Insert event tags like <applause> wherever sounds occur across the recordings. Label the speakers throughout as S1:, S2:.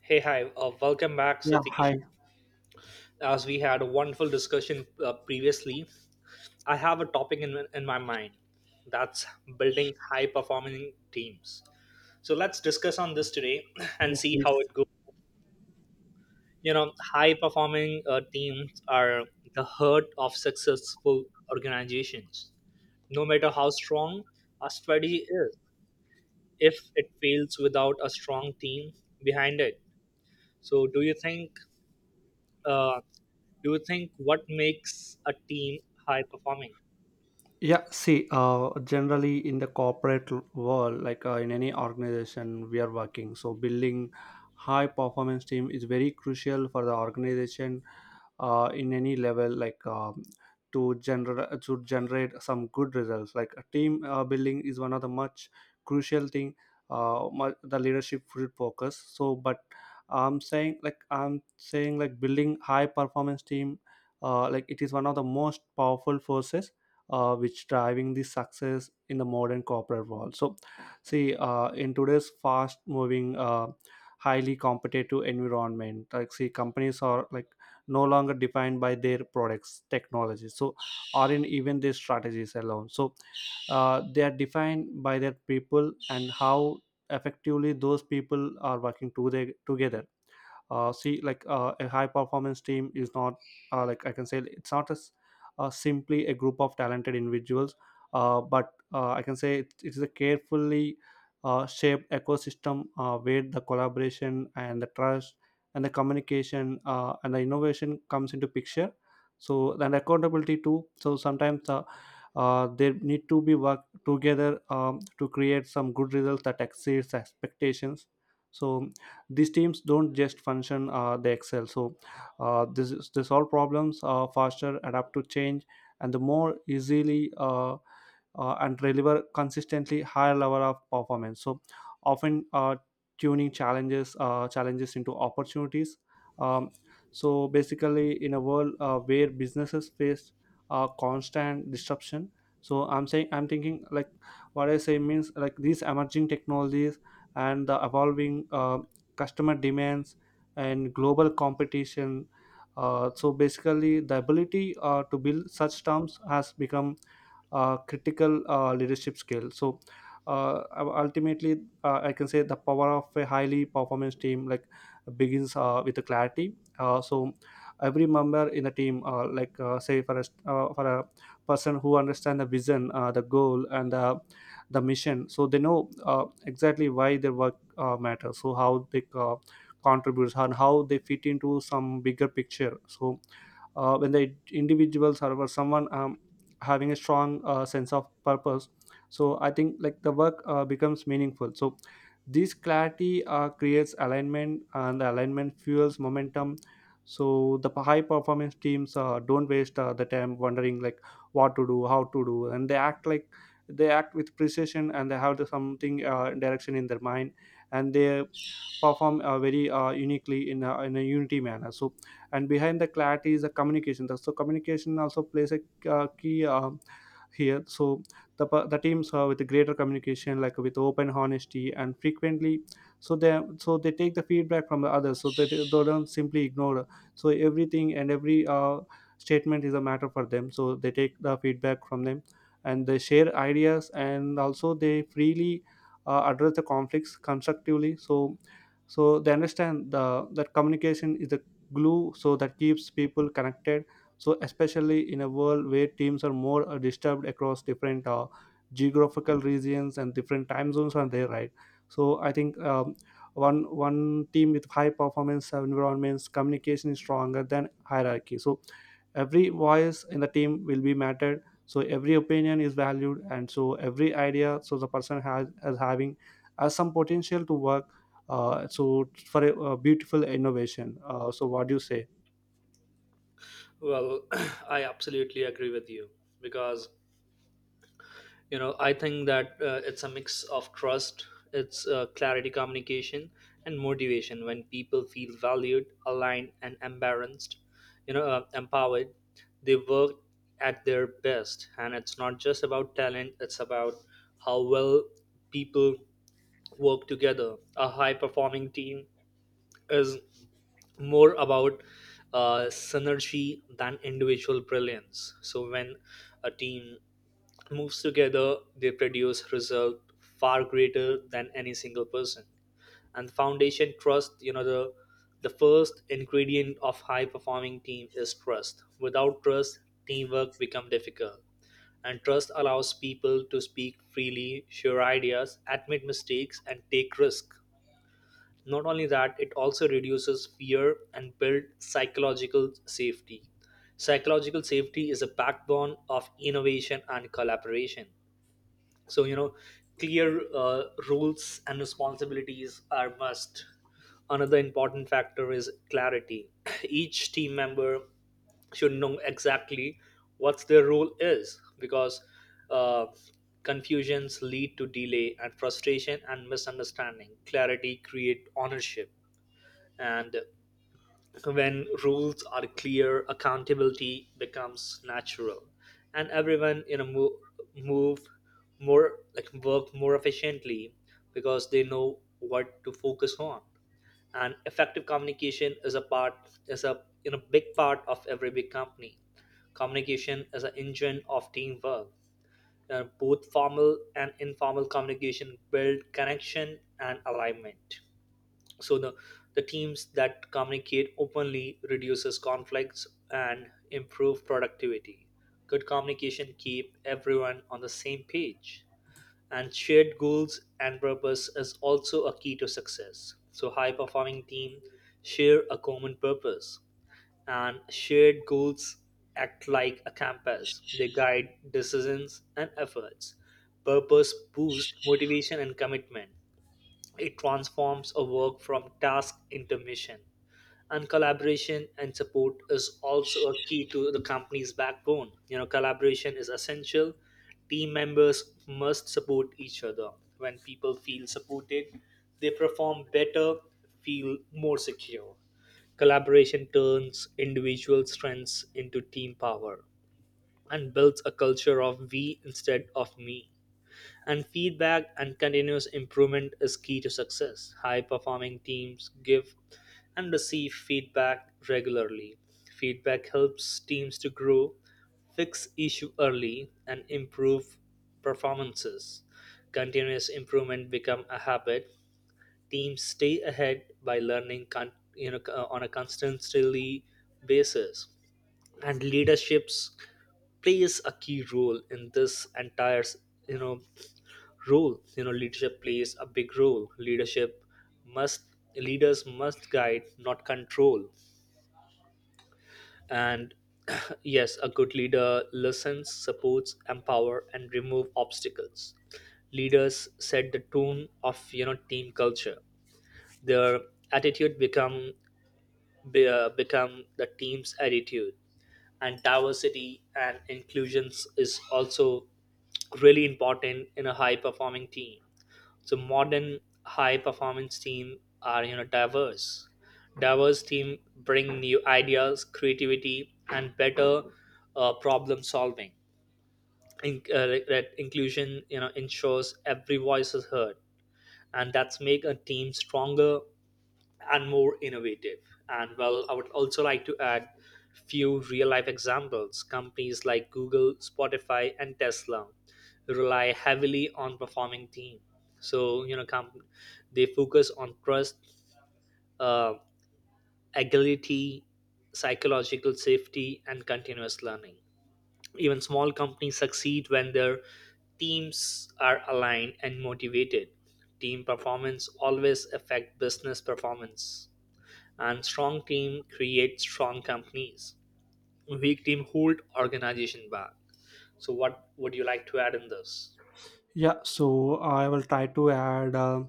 S1: Hey, hi, welcome back,
S2: Yeah,
S1: Satish.
S2: hi.
S1: As we had a wonderful discussion previously, I have a topic in my mind, that's building high performing teams. So let's discuss on this today <clears throat> and
S2: Yes,
S1: see
S2: please.
S1: how it goes. You know, high performing teams are the heart of successful organizations. No matter how strong a strategy is, if it fails without a strong team behind it. So, do you think? uh, Do you think what makes a team high performing?
S2: Yeah, see generally in the corporate world, like in any organization we are working, so building high performance team is very crucial for the organization in any level, like to generate some good results, like a team building is one of the much crucial thing, the leadership should focus. So, but I'm saying like building high performance team, like it is one of the most powerful forces which driving the success in the modern corporate world. So, see, in today's fast-moving, highly competitive environment, like, see, companies are like no longer defined by their products, technologies, so or in even their strategies alone. So, they are defined by their people and how effectively those people are working to their, together. See, like a high performance team is not, like I can say, it's not as simply a group of talented individuals, but I can say it is a carefully shaped ecosystem where the collaboration and the trust and the communication and the innovation comes into picture. So, and accountability too. So sometimes they need to be work together to create some good results that exceeds expectations. So these teams don't just function, they excel. So this is, they solve problems faster, adapt to change and the more easily, and deliver consistently higher level of performance. So often, tuning challenges, challenges into opportunities. um, so basically, in a world where businesses face constant disruption, so I'm thinking like what I say means like these emerging technologies and the evolving customer demands and global competition, so basically the ability to build such terms has become critical leadership skill. So ultimately, I can say the power of a highly performance team, like begins with the clarity. So every member in the team, like say for a person who understand the vision, the goal and the mission. So they know exactly why their work matters, so how they contributes and how they fit into some bigger picture. So when the individuals or someone having a strong sense of purpose, so I think like the work becomes meaningful. So this clarity creates alignment, and the alignment fuels momentum. So the high performance teams don't waste the time wondering like what to do, how to do, and they act with precision and they have the something direction in their mind, and they perform very uniquely in in a unity manner. So, and behind the clarity is the communication. So communication also plays a key here. So the teams with the greater communication, like with open honesty and frequently, so they, so they take the feedback from the others, so they don't simply ignore. So everything and every statement is a matter for them. So they take the feedback from them, and they share ideas, and also they freely address the conflicts constructively. So they understand the that communication is the glue so that keeps people connected. So especially in a world where teams are more disturbed across different geographical regions and different time zones are there, right? So I think, one team with high performance environments, communication is stronger than hierarchy. So every voice in the team will be mattered, so every opinion is valued, and so every idea, so the person has as having has some potential to work so for a beautiful innovation. So what do you say?
S1: Well, <clears throat> I absolutely agree with you, because you know I think that it's a mix of trust, it's clarity, communication, and motivation. When people feel valued, aligned, and embarrassed, you know, empowered, they work at their best. And it's not just about talent; it's about how well people work together. A high-performing team is more about synergy than individual brilliance. So when a team moves together, they produce result far greater than any single person. And foundation trust, you know, the first ingredient of high performing team is trust. Without trust, teamwork become difficult. And trust allows people to speak freely, share ideas, admit mistakes, and take risks. Not only that, it also reduces fear and build psychological safety. Psychological safety is a backbone of innovation and collaboration. So, you know, clear rules and responsibilities are must. Another important factor is clarity. <clears throat> Each team member should know exactly what their role is, because uh, confusions lead to delay and frustration and misunderstanding. Clarity create ownership, and when rules are clear, accountability becomes natural, and everyone you know move more, like work more efficiently, because they know what to focus on. And effective communication is a part, is a you know big part of every big company. Communication is an engine of teamwork. Both formal and informal communication build connection and alignment, so the teams that communicate openly reduces conflicts and improve productivity. Good communication keep everyone on the same page, and shared goals and purpose is also a key to success. So high performing team share a common purpose, and shared goals act like a compass. They guide decisions and efforts. Purpose boosts motivation and commitment. It transforms a work from task into mission. And collaboration and support is also a key to the company's backbone. You know, collaboration is essential. Team members must support each other. When people feel supported, they perform better, feel more secure. Collaboration turns individual strengths into team power, and builds a culture of we instead of me. And feedback and continuous improvement is key to success. High performing teams give and receive feedback regularly. Feedback helps teams to grow, fix issue early and improve performances. Continuous improvement become a habit. Teams stay ahead by learning you know on a constantly basis. And leaderships plays a key role in this entire you know role. You know leadership plays a big role. Must Leaders must guide not control. And <clears throat> yes, a good leader listens, supports, empower and remove obstacles. Leaders set the tone of you know team culture. Their attitude become the team's attitude, and diversity and inclusions is also really important in a high performing team. So modern high performance team are you know diverse. Diverse team bring new ideas, creativity, and better problem solving. In, like that inclusion you know ensures every voice is heard, and that's make a team stronger and more innovative. And well, I would also like to add few real life examples. Companies like Google, Spotify, and Tesla rely heavily on performing team. So you know, they focus on trust, uh, agility, psychological safety, and continuous learning. Even small companies succeed when their teams are aligned and motivated. Team performance always affect business performance, and strong team create strong companies. Weak team hold organization back. So what would you like to add in this?
S2: Yeah, so I will try to add uh,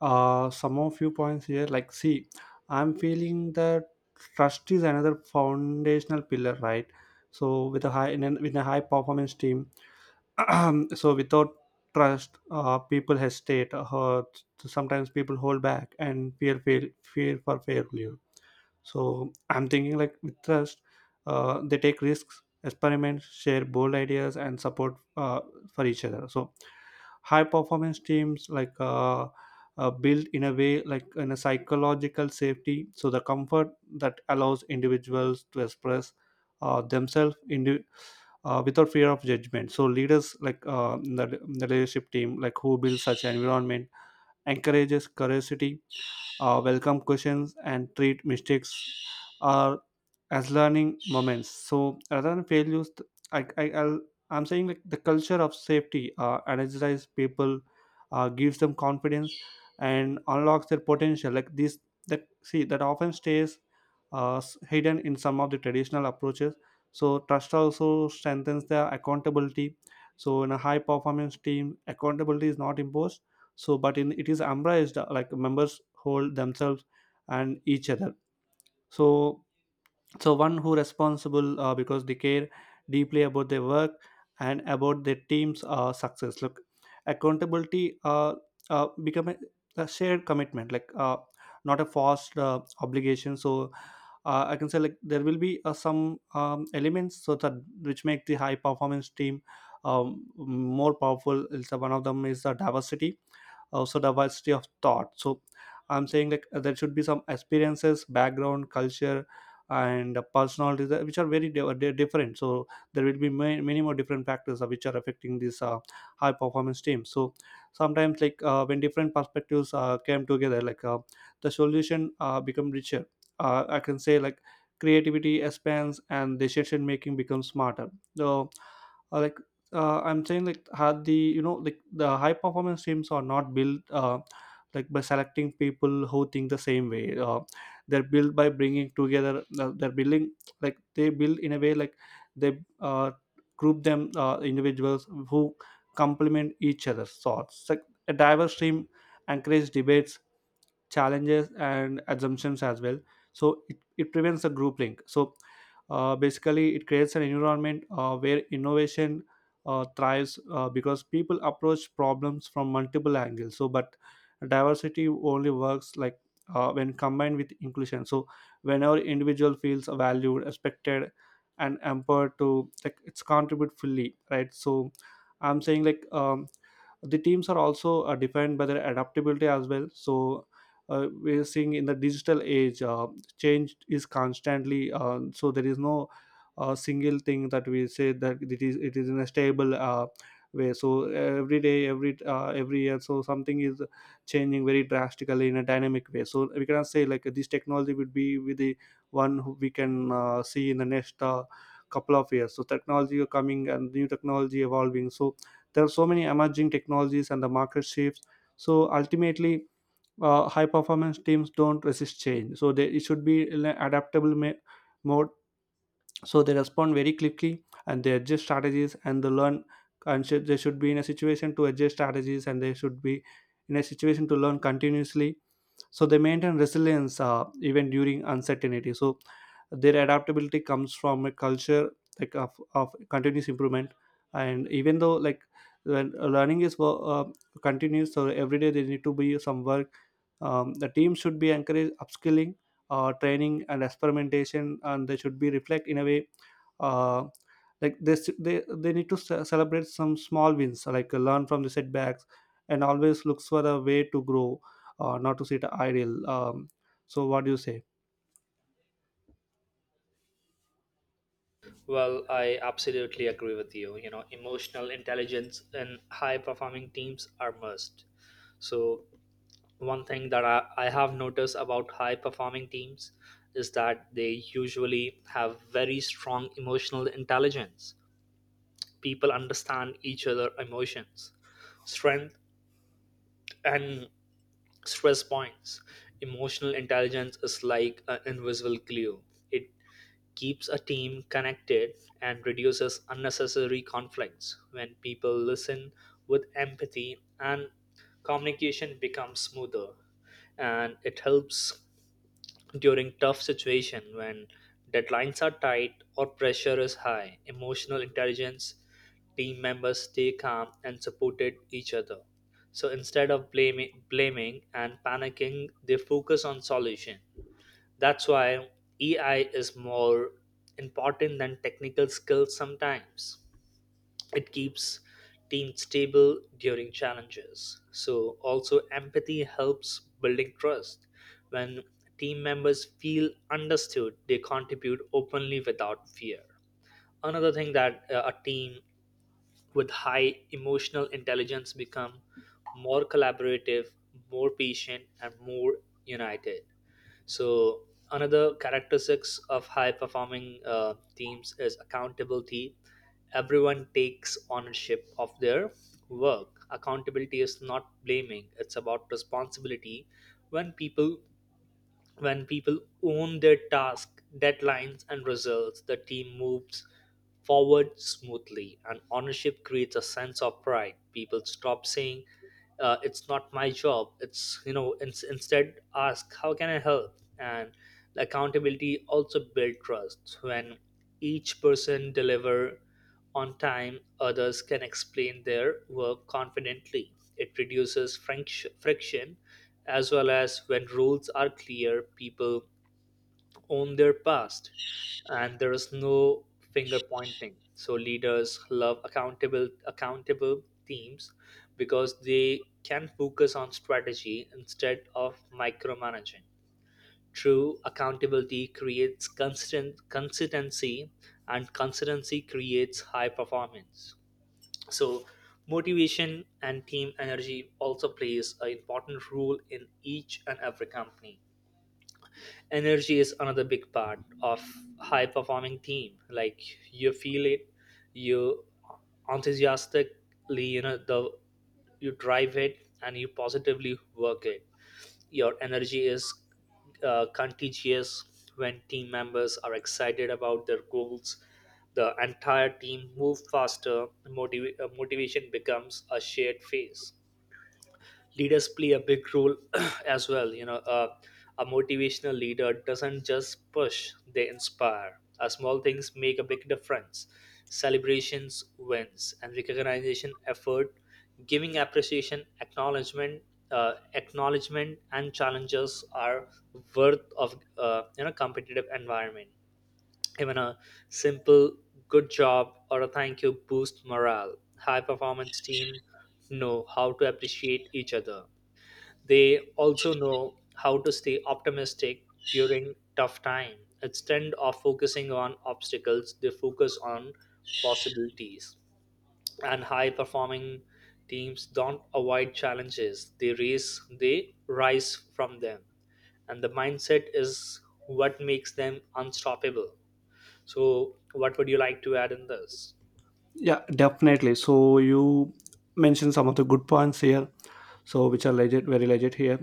S2: uh, some of few points here. Like, see, I'm feeling that trust is another foundational pillar, right? So with a high with a high performance team, <clears throat> so without trust, people hesitate. Sometimes people hold back and fear for failure. So I'm thinking like with trust, they take risks, experiment, share bold ideas, and support for each other. So high performance teams, like built in a way like in a psychological safety. So the comfort that allows individuals to express themselves, without fear of judgment. So leaders, like the leadership team, like who builds such an environment, encourages curiosity, welcome questions and treat mistakes are as learning moments, so rather than failures, I'm saying like the culture of safety energizes people, gives them confidence and unlocks their potential like this, that see that often stays hidden in some of the traditional approaches. So trust also strengthens their accountability. So in a high performance team, accountability is not imposed, so but in it is ambra is the, like members hold themselves and each other. So one who responsible because they care deeply about their work and about their team's success. Look, accountability, become a shared commitment, like not a forced obligation. So I can say, like there will be some elements so that which make the high performance team more powerful. Is one of them is the diversity, also diversity of thought. So I'm saying, like there should be some experiences, background, culture, and personalities that, which are very different. So there will be many, many more different factors which are affecting this high performance team. So sometimes like, when different perspectives came together, like the solution become richer. I can say, like creativity expands and decision making becomes smarter. So, uh, like I'm saying, like had the, you know, like the high performance teams are not built, like by selecting people who think the same way, they're built by bringing together they're building like they build in a way like they group them individuals who complement each other's thoughts, like a diverse team encourages debates, challenges and assumptions as well. So it prevents the group link. So basically it creates an environment where innovation thrives because people approach problems from multiple angles. So but diversity only works like when combined with inclusion. So whenever individual feels valued, respected, and empowered to like it's contribute fully, right? So I'm saying, like the teams are also defined by their adaptability as well. So we're seeing in the digital age, change is constantly, so there is no single thing that we say that it is in a stable way. So every day, every year, so something is changing very drastically in a dynamic way. So we cannot say like this technology would be with the one who we can see in the next couple of years. So technology are coming and new technology evolving. So there are so many emerging technologies and the market shifts. So ultimately, high performance teams don't resist change. So they, it should be in an adaptable mode. So they respond very quickly and they adjust strategies and they learn, and should, they should be in a situation to adjust strategies, and they should be in a situation to learn continuously. So they maintain resilience even during uncertainty. So their adaptability comes from a culture like of continuous improvement. And even though like, when learning is continuous, so every day they need to be some work. The team should be encouraged upskilling, training, and experimentation, and they should be reflect in a way, uh, like they need to celebrate some small wins, like learn from the setbacks and always looks for a way to grow, not to sit idle. So what do you say?
S1: Well, I absolutely agree with you. You know, emotional intelligence in high performing teams are must. So one thing that I have noticed about high performing teams is that they usually have very strong emotional intelligence. People understand each other emotions, strength, and stress points. Emotional intelligence is like an invisible glue. It keeps a team connected and reduces unnecessary conflicts. When people listen with empathy, and communication becomes smoother, and it helps during tough situation when deadlines are tight or pressure is high. Emotional intelligence team members stay calm and supported each other. So instead of blaming and panicking, they focus on solution. That's why EI is more important than technical skills sometimes. It keeps teams stable during challenges. So also empathy helps building trust. When team members feel understood, they contribute openly without fear. Another thing that a team with high emotional intelligence become more collaborative, more patient and more united. So another characteristics of high performing teams is accountability. Everyone takes ownership of their work. Accountability is not blaming; it's about responsibility. When people when people own their task, deadlines, and results, the team moves forward smoothly, and ownership creates a sense of pride. People stop saying it's not my job, it's you know instead ask how can I help. And the accountability also build trust. When each person deliver on time, others can explain their work confidently. It reduces friction as well. As when rules are clear, people own their past, and there is no finger pointing. So leaders love accountable teams, because they can focus on strategy instead of micromanaging. True accountability creates constant consistency, and consistency creates high performance. So motivation and team energy also plays an important role in each and every company. Energy is another big part of high performing team, like you feel it, you enthusiastically you know the you drive it and you positively work it. Your energy is contagious. When team members are excited about their goals, the entire team move faster. Motivation becomes a shared phase. Leaders play a big role <clears throat> as well. You know, a motivational leader doesn't just push, they inspire. Small things make a big difference. Celebrations wins and recognition effort, giving appreciation acknowledgement, acknowledgement and challenges are worth of you know competitive environment. Even a simple good job or a thank you boost morale. High performance team know how to appreciate each other. They also know how to stay optimistic during tough time. Instead of focusing on obstacles, they focus on possibilities. And high performing teams don't avoid challenges. They rise from them. And the mindset is what makes them unstoppable. So what would you like to add in this?
S2: Yeah, definitely. So you mentioned some of the good points here, so which are legit, very legit here.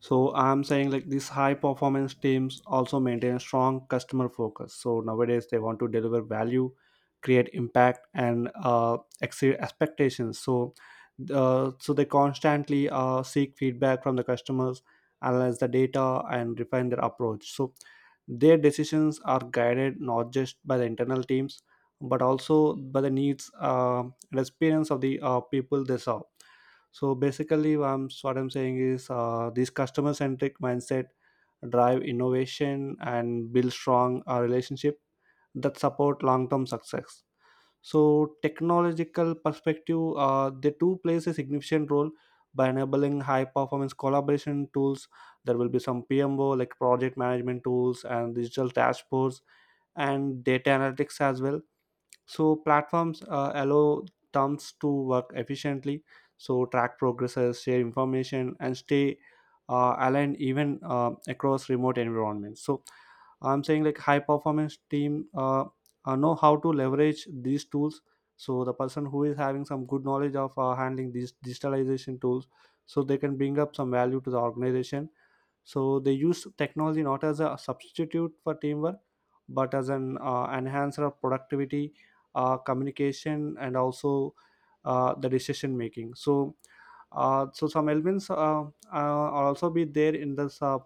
S2: So I'm saying, like these high performance teams also maintain strong customer focus. So nowadays they want to deliver value, create impact, and exceed expectations. So so they constantly seek feedback from the customers, analyze the data, and refine their approach. So their decisions are guided not just by the internal teams, but also by the needs and experience of the people they serve. So basically, so what I'm saying is, this customer centric mindset drive innovation and build strong relationship that support long term success. So technological perspective, they do plays a significant role by enabling high performance collaboration tools. There will be some PMO like project management tools and digital dashboards and data analytics as well. So platforms allow teams to work efficiently, so track progresses, share information, and stay aligned even across remote environments. So I'm saying, like high performance team know how to leverage these tools. So the person who is having some good knowledge of handling these digitalization tools, so they can bring up some value to the organization. So they use technology not as a substitute for teamwork, but as an enhancer of productivity, communication, and also the decision making. So so some elements are also be there in this, uh,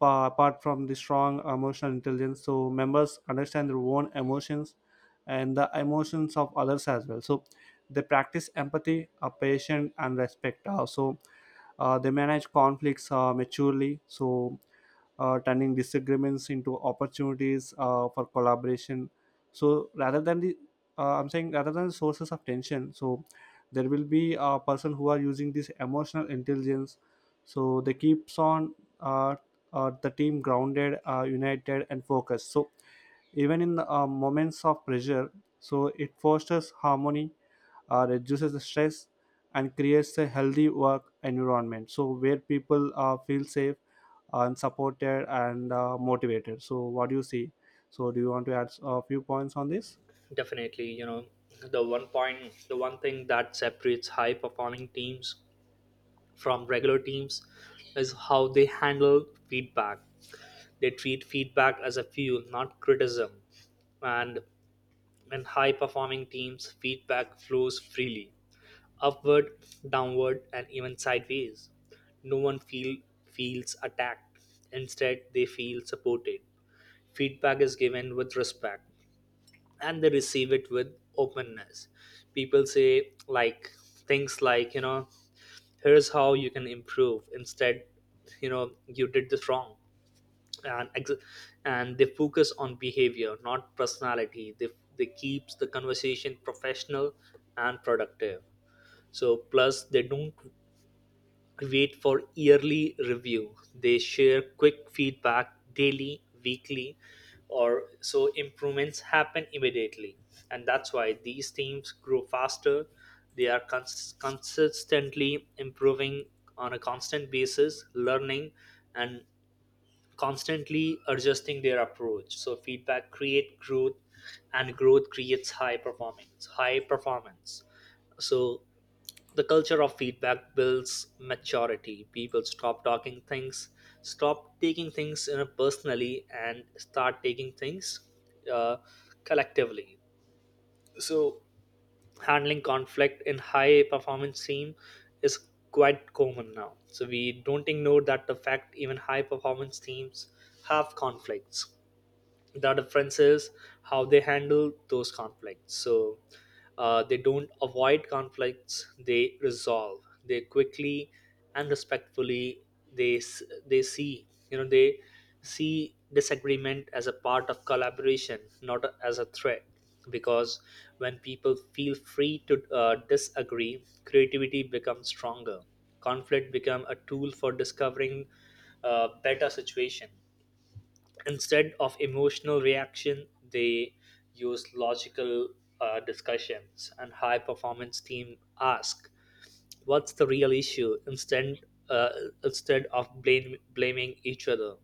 S2: pa- apart from the strong emotional intelligence. So members understand their own emotions and the emotions of others as well. So they practice empathy, patience, and respect. So they manage conflicts maturely, so turning disagreements into opportunities for collaboration. So rather than I'm saying rather than sources of tension, so there will be a person who are using this emotional intelligence. So they keeps on, the team grounded, united, and focused. So even in moments of pressure, so it fosters harmony, reduces the stress, and creates a healthy work environment. So where people feel safe and supported and motivated. So what do you see? So do you want to add a few points on this?
S1: Definitely, you know, the one thing that separates high performing teams from regular teams is how they handle feedback. They treat feedback as a fuel, not criticism. And in high performing teams, feedback flows freely, upward, downward, and even sideways. No one feel, feels attacked. Instead, they feel supported. Feedback is given with respect, and they receive it with openness. People say like things like you know here's how you can improve, instead you know you did this wrong, and ex- and they focus on behavior not personality. They keeps the conversation professional and productive. So plus they don't great for yearly review. They share quick feedback daily, weekly, or so improvements happen immediately. And that's why these teams grow faster. They are consistently improving on a constant basis, learning and constantly adjusting their approach. So feedback create growth, and growth creates high performance. High performance. So the culture of feedback builds maturity. People stop taking things you know, personally, and start taking things uh, collectively. So, handling conflict in high performance team is quite common now. So, we don't ignore that the fact even high performance teams have conflicts. The difference is how they handle those conflicts. So they don't avoid conflicts, they resolve they quickly and respectfully. They see you know they see disagreement as a part of collaboration, not as a threat. Because when people feel free to disagree, creativity becomes stronger. Conflict become a tool for discovering a better situation. Instead of emotional reaction, they use logical discussions, and high performance team ask what's the real issue. Instead uh, instead of blaming each other,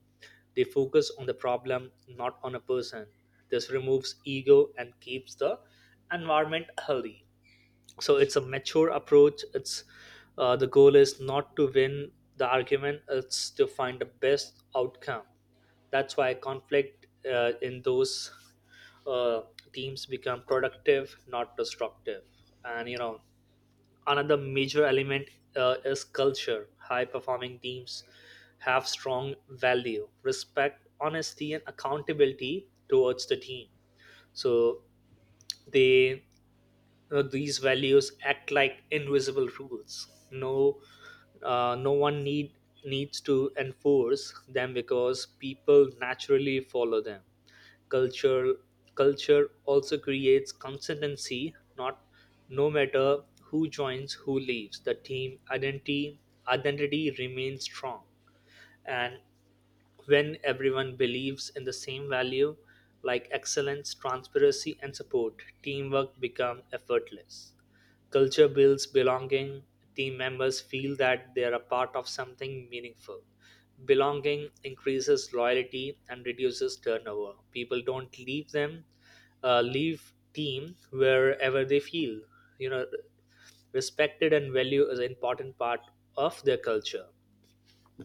S1: they focus on the problem, not on a person. This removes ego and keeps the environment healthy. So it's a mature approach. It's the goal is not to win the argument, it's to find the best outcome. That's why conflict in those uh, teams become productive, not destructive. And you know, another major element is culture. High performing teams have strong value respect honesty and accountability towards the team. So they you know, these values act like invisible rules. No, no one needs to enforce them, because people naturally follow them. culture Culture also creates consistency. Not no matter who joins who leaves, the team identity remains strong. And when everyone believes in the same value like excellence transparency and support, teamwork become effortless. Culture builds belonging. Team members feel that they are a part of something meaningful. Belonging increases loyalty and reduces turnover. People don't leave them, leave team wherever they feel. You know, respected and value is an important part of their culture,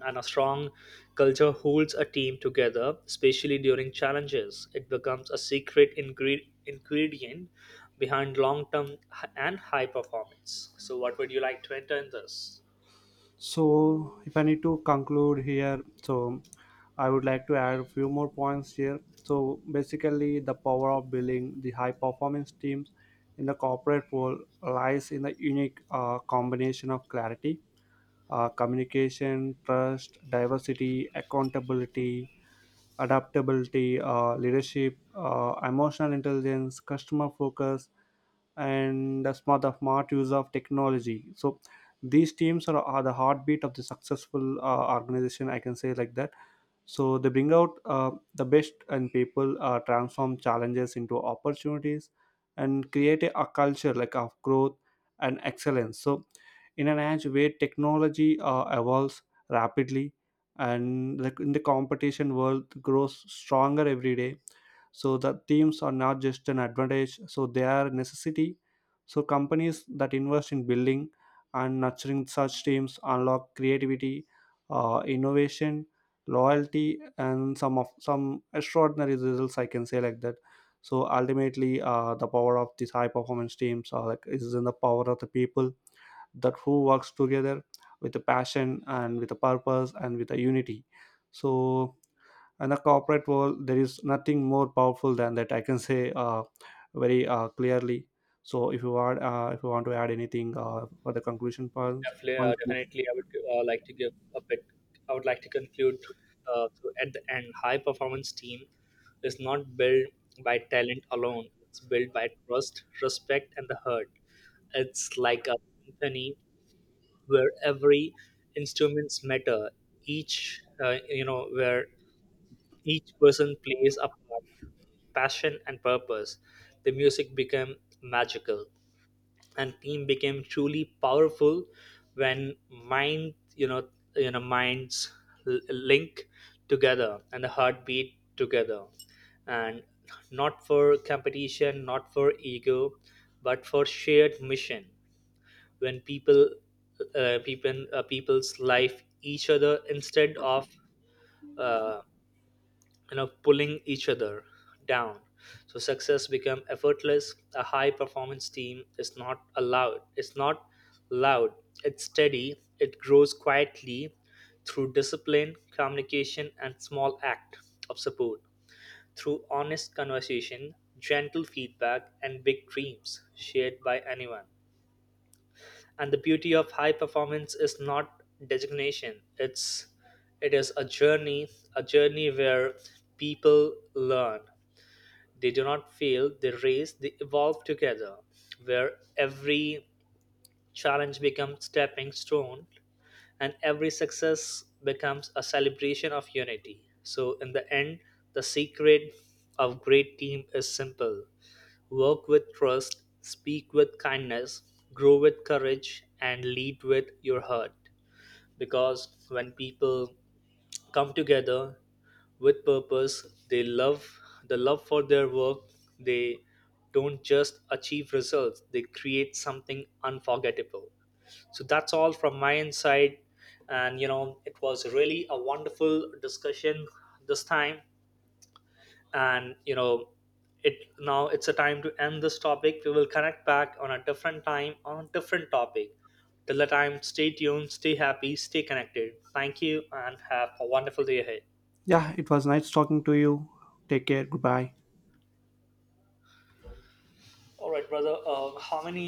S1: and a strong culture holds a team together, especially during challenges. It becomes a secret ingredient behind long term and high performance. So, what would you like to enter in this?
S2: So if I need to conclude here, so I would like to add a few more points here. So basically the power of building the high performance teams in the corporate world lies in the unique combination of clarity, communication, trust, diversity, accountability, adaptability, leadership, emotional intelligence, customer focus, and the smart use of technology. So these teams are the heartbeat of the successful organization, I can say like that. So they bring out the best and people, transform challenges into opportunities, and create a culture like of growth and excellence. So in an age where technology evolves rapidly and like in the competition world grows stronger every day, so the themes are not just an advantage, so they are a necessity. So companies that invest in building and nurturing such teams unlock creativity, innovation, loyalty, and some extraordinary results, I can say like that. So ultimately, the power of these high performance teams are like is in the power of the people that who works together with a passion and with a purpose and with a unity. So in a corporate world, there is nothing more powerful than that, I can say very clearly. So if you want, if you want to add anything for the conclusion
S1: Definitely, uh,
S2: points,
S1: definitely I would like to give a bit, I would like to conclude. At the end, high performance team is not built by talent alone, it's built by trust, respect, and the hurt. It's like a symphony where every instruments matter. Each you know, where each person plays a part, passion and purpose. The music became magical, and team became truly powerful when minds link together, and the heartbeat together, and not for competition not for ego, but for shared mission. When people's life each other, instead of uh, you know pulling each other down, so success become effortless. A high performance team is not allowed, it's not loud, it's steady. It grows quietly through discipline communication and small act of support, through honest conversation, gentle feedback and big dreams shared by anyone. And the beauty of high performance is not designation. It is a journey, a journey where people learn, they do not fail, they race, they evolve together, where every challenge becomes stepping stone, and every success becomes a celebration of unity. So in the end, the secret of great team is simple. Work with trust, speak with kindness, grow with courage, and lead with your heart. Because when people come together with purpose, the love for their work, they don't just achieve results, they create something unforgettable. So that's all from my inside. And you know, it was really a wonderful discussion this time. And you know, it, now it's a time to end this topic. We will connect back on a different time on a different topic. Till the time, stay tuned, stay happy, stay connected. Thank you and have a wonderful day ahead.
S2: yeah, it was nice talking to you. Take care, goodbye.
S1: All right, brother, how many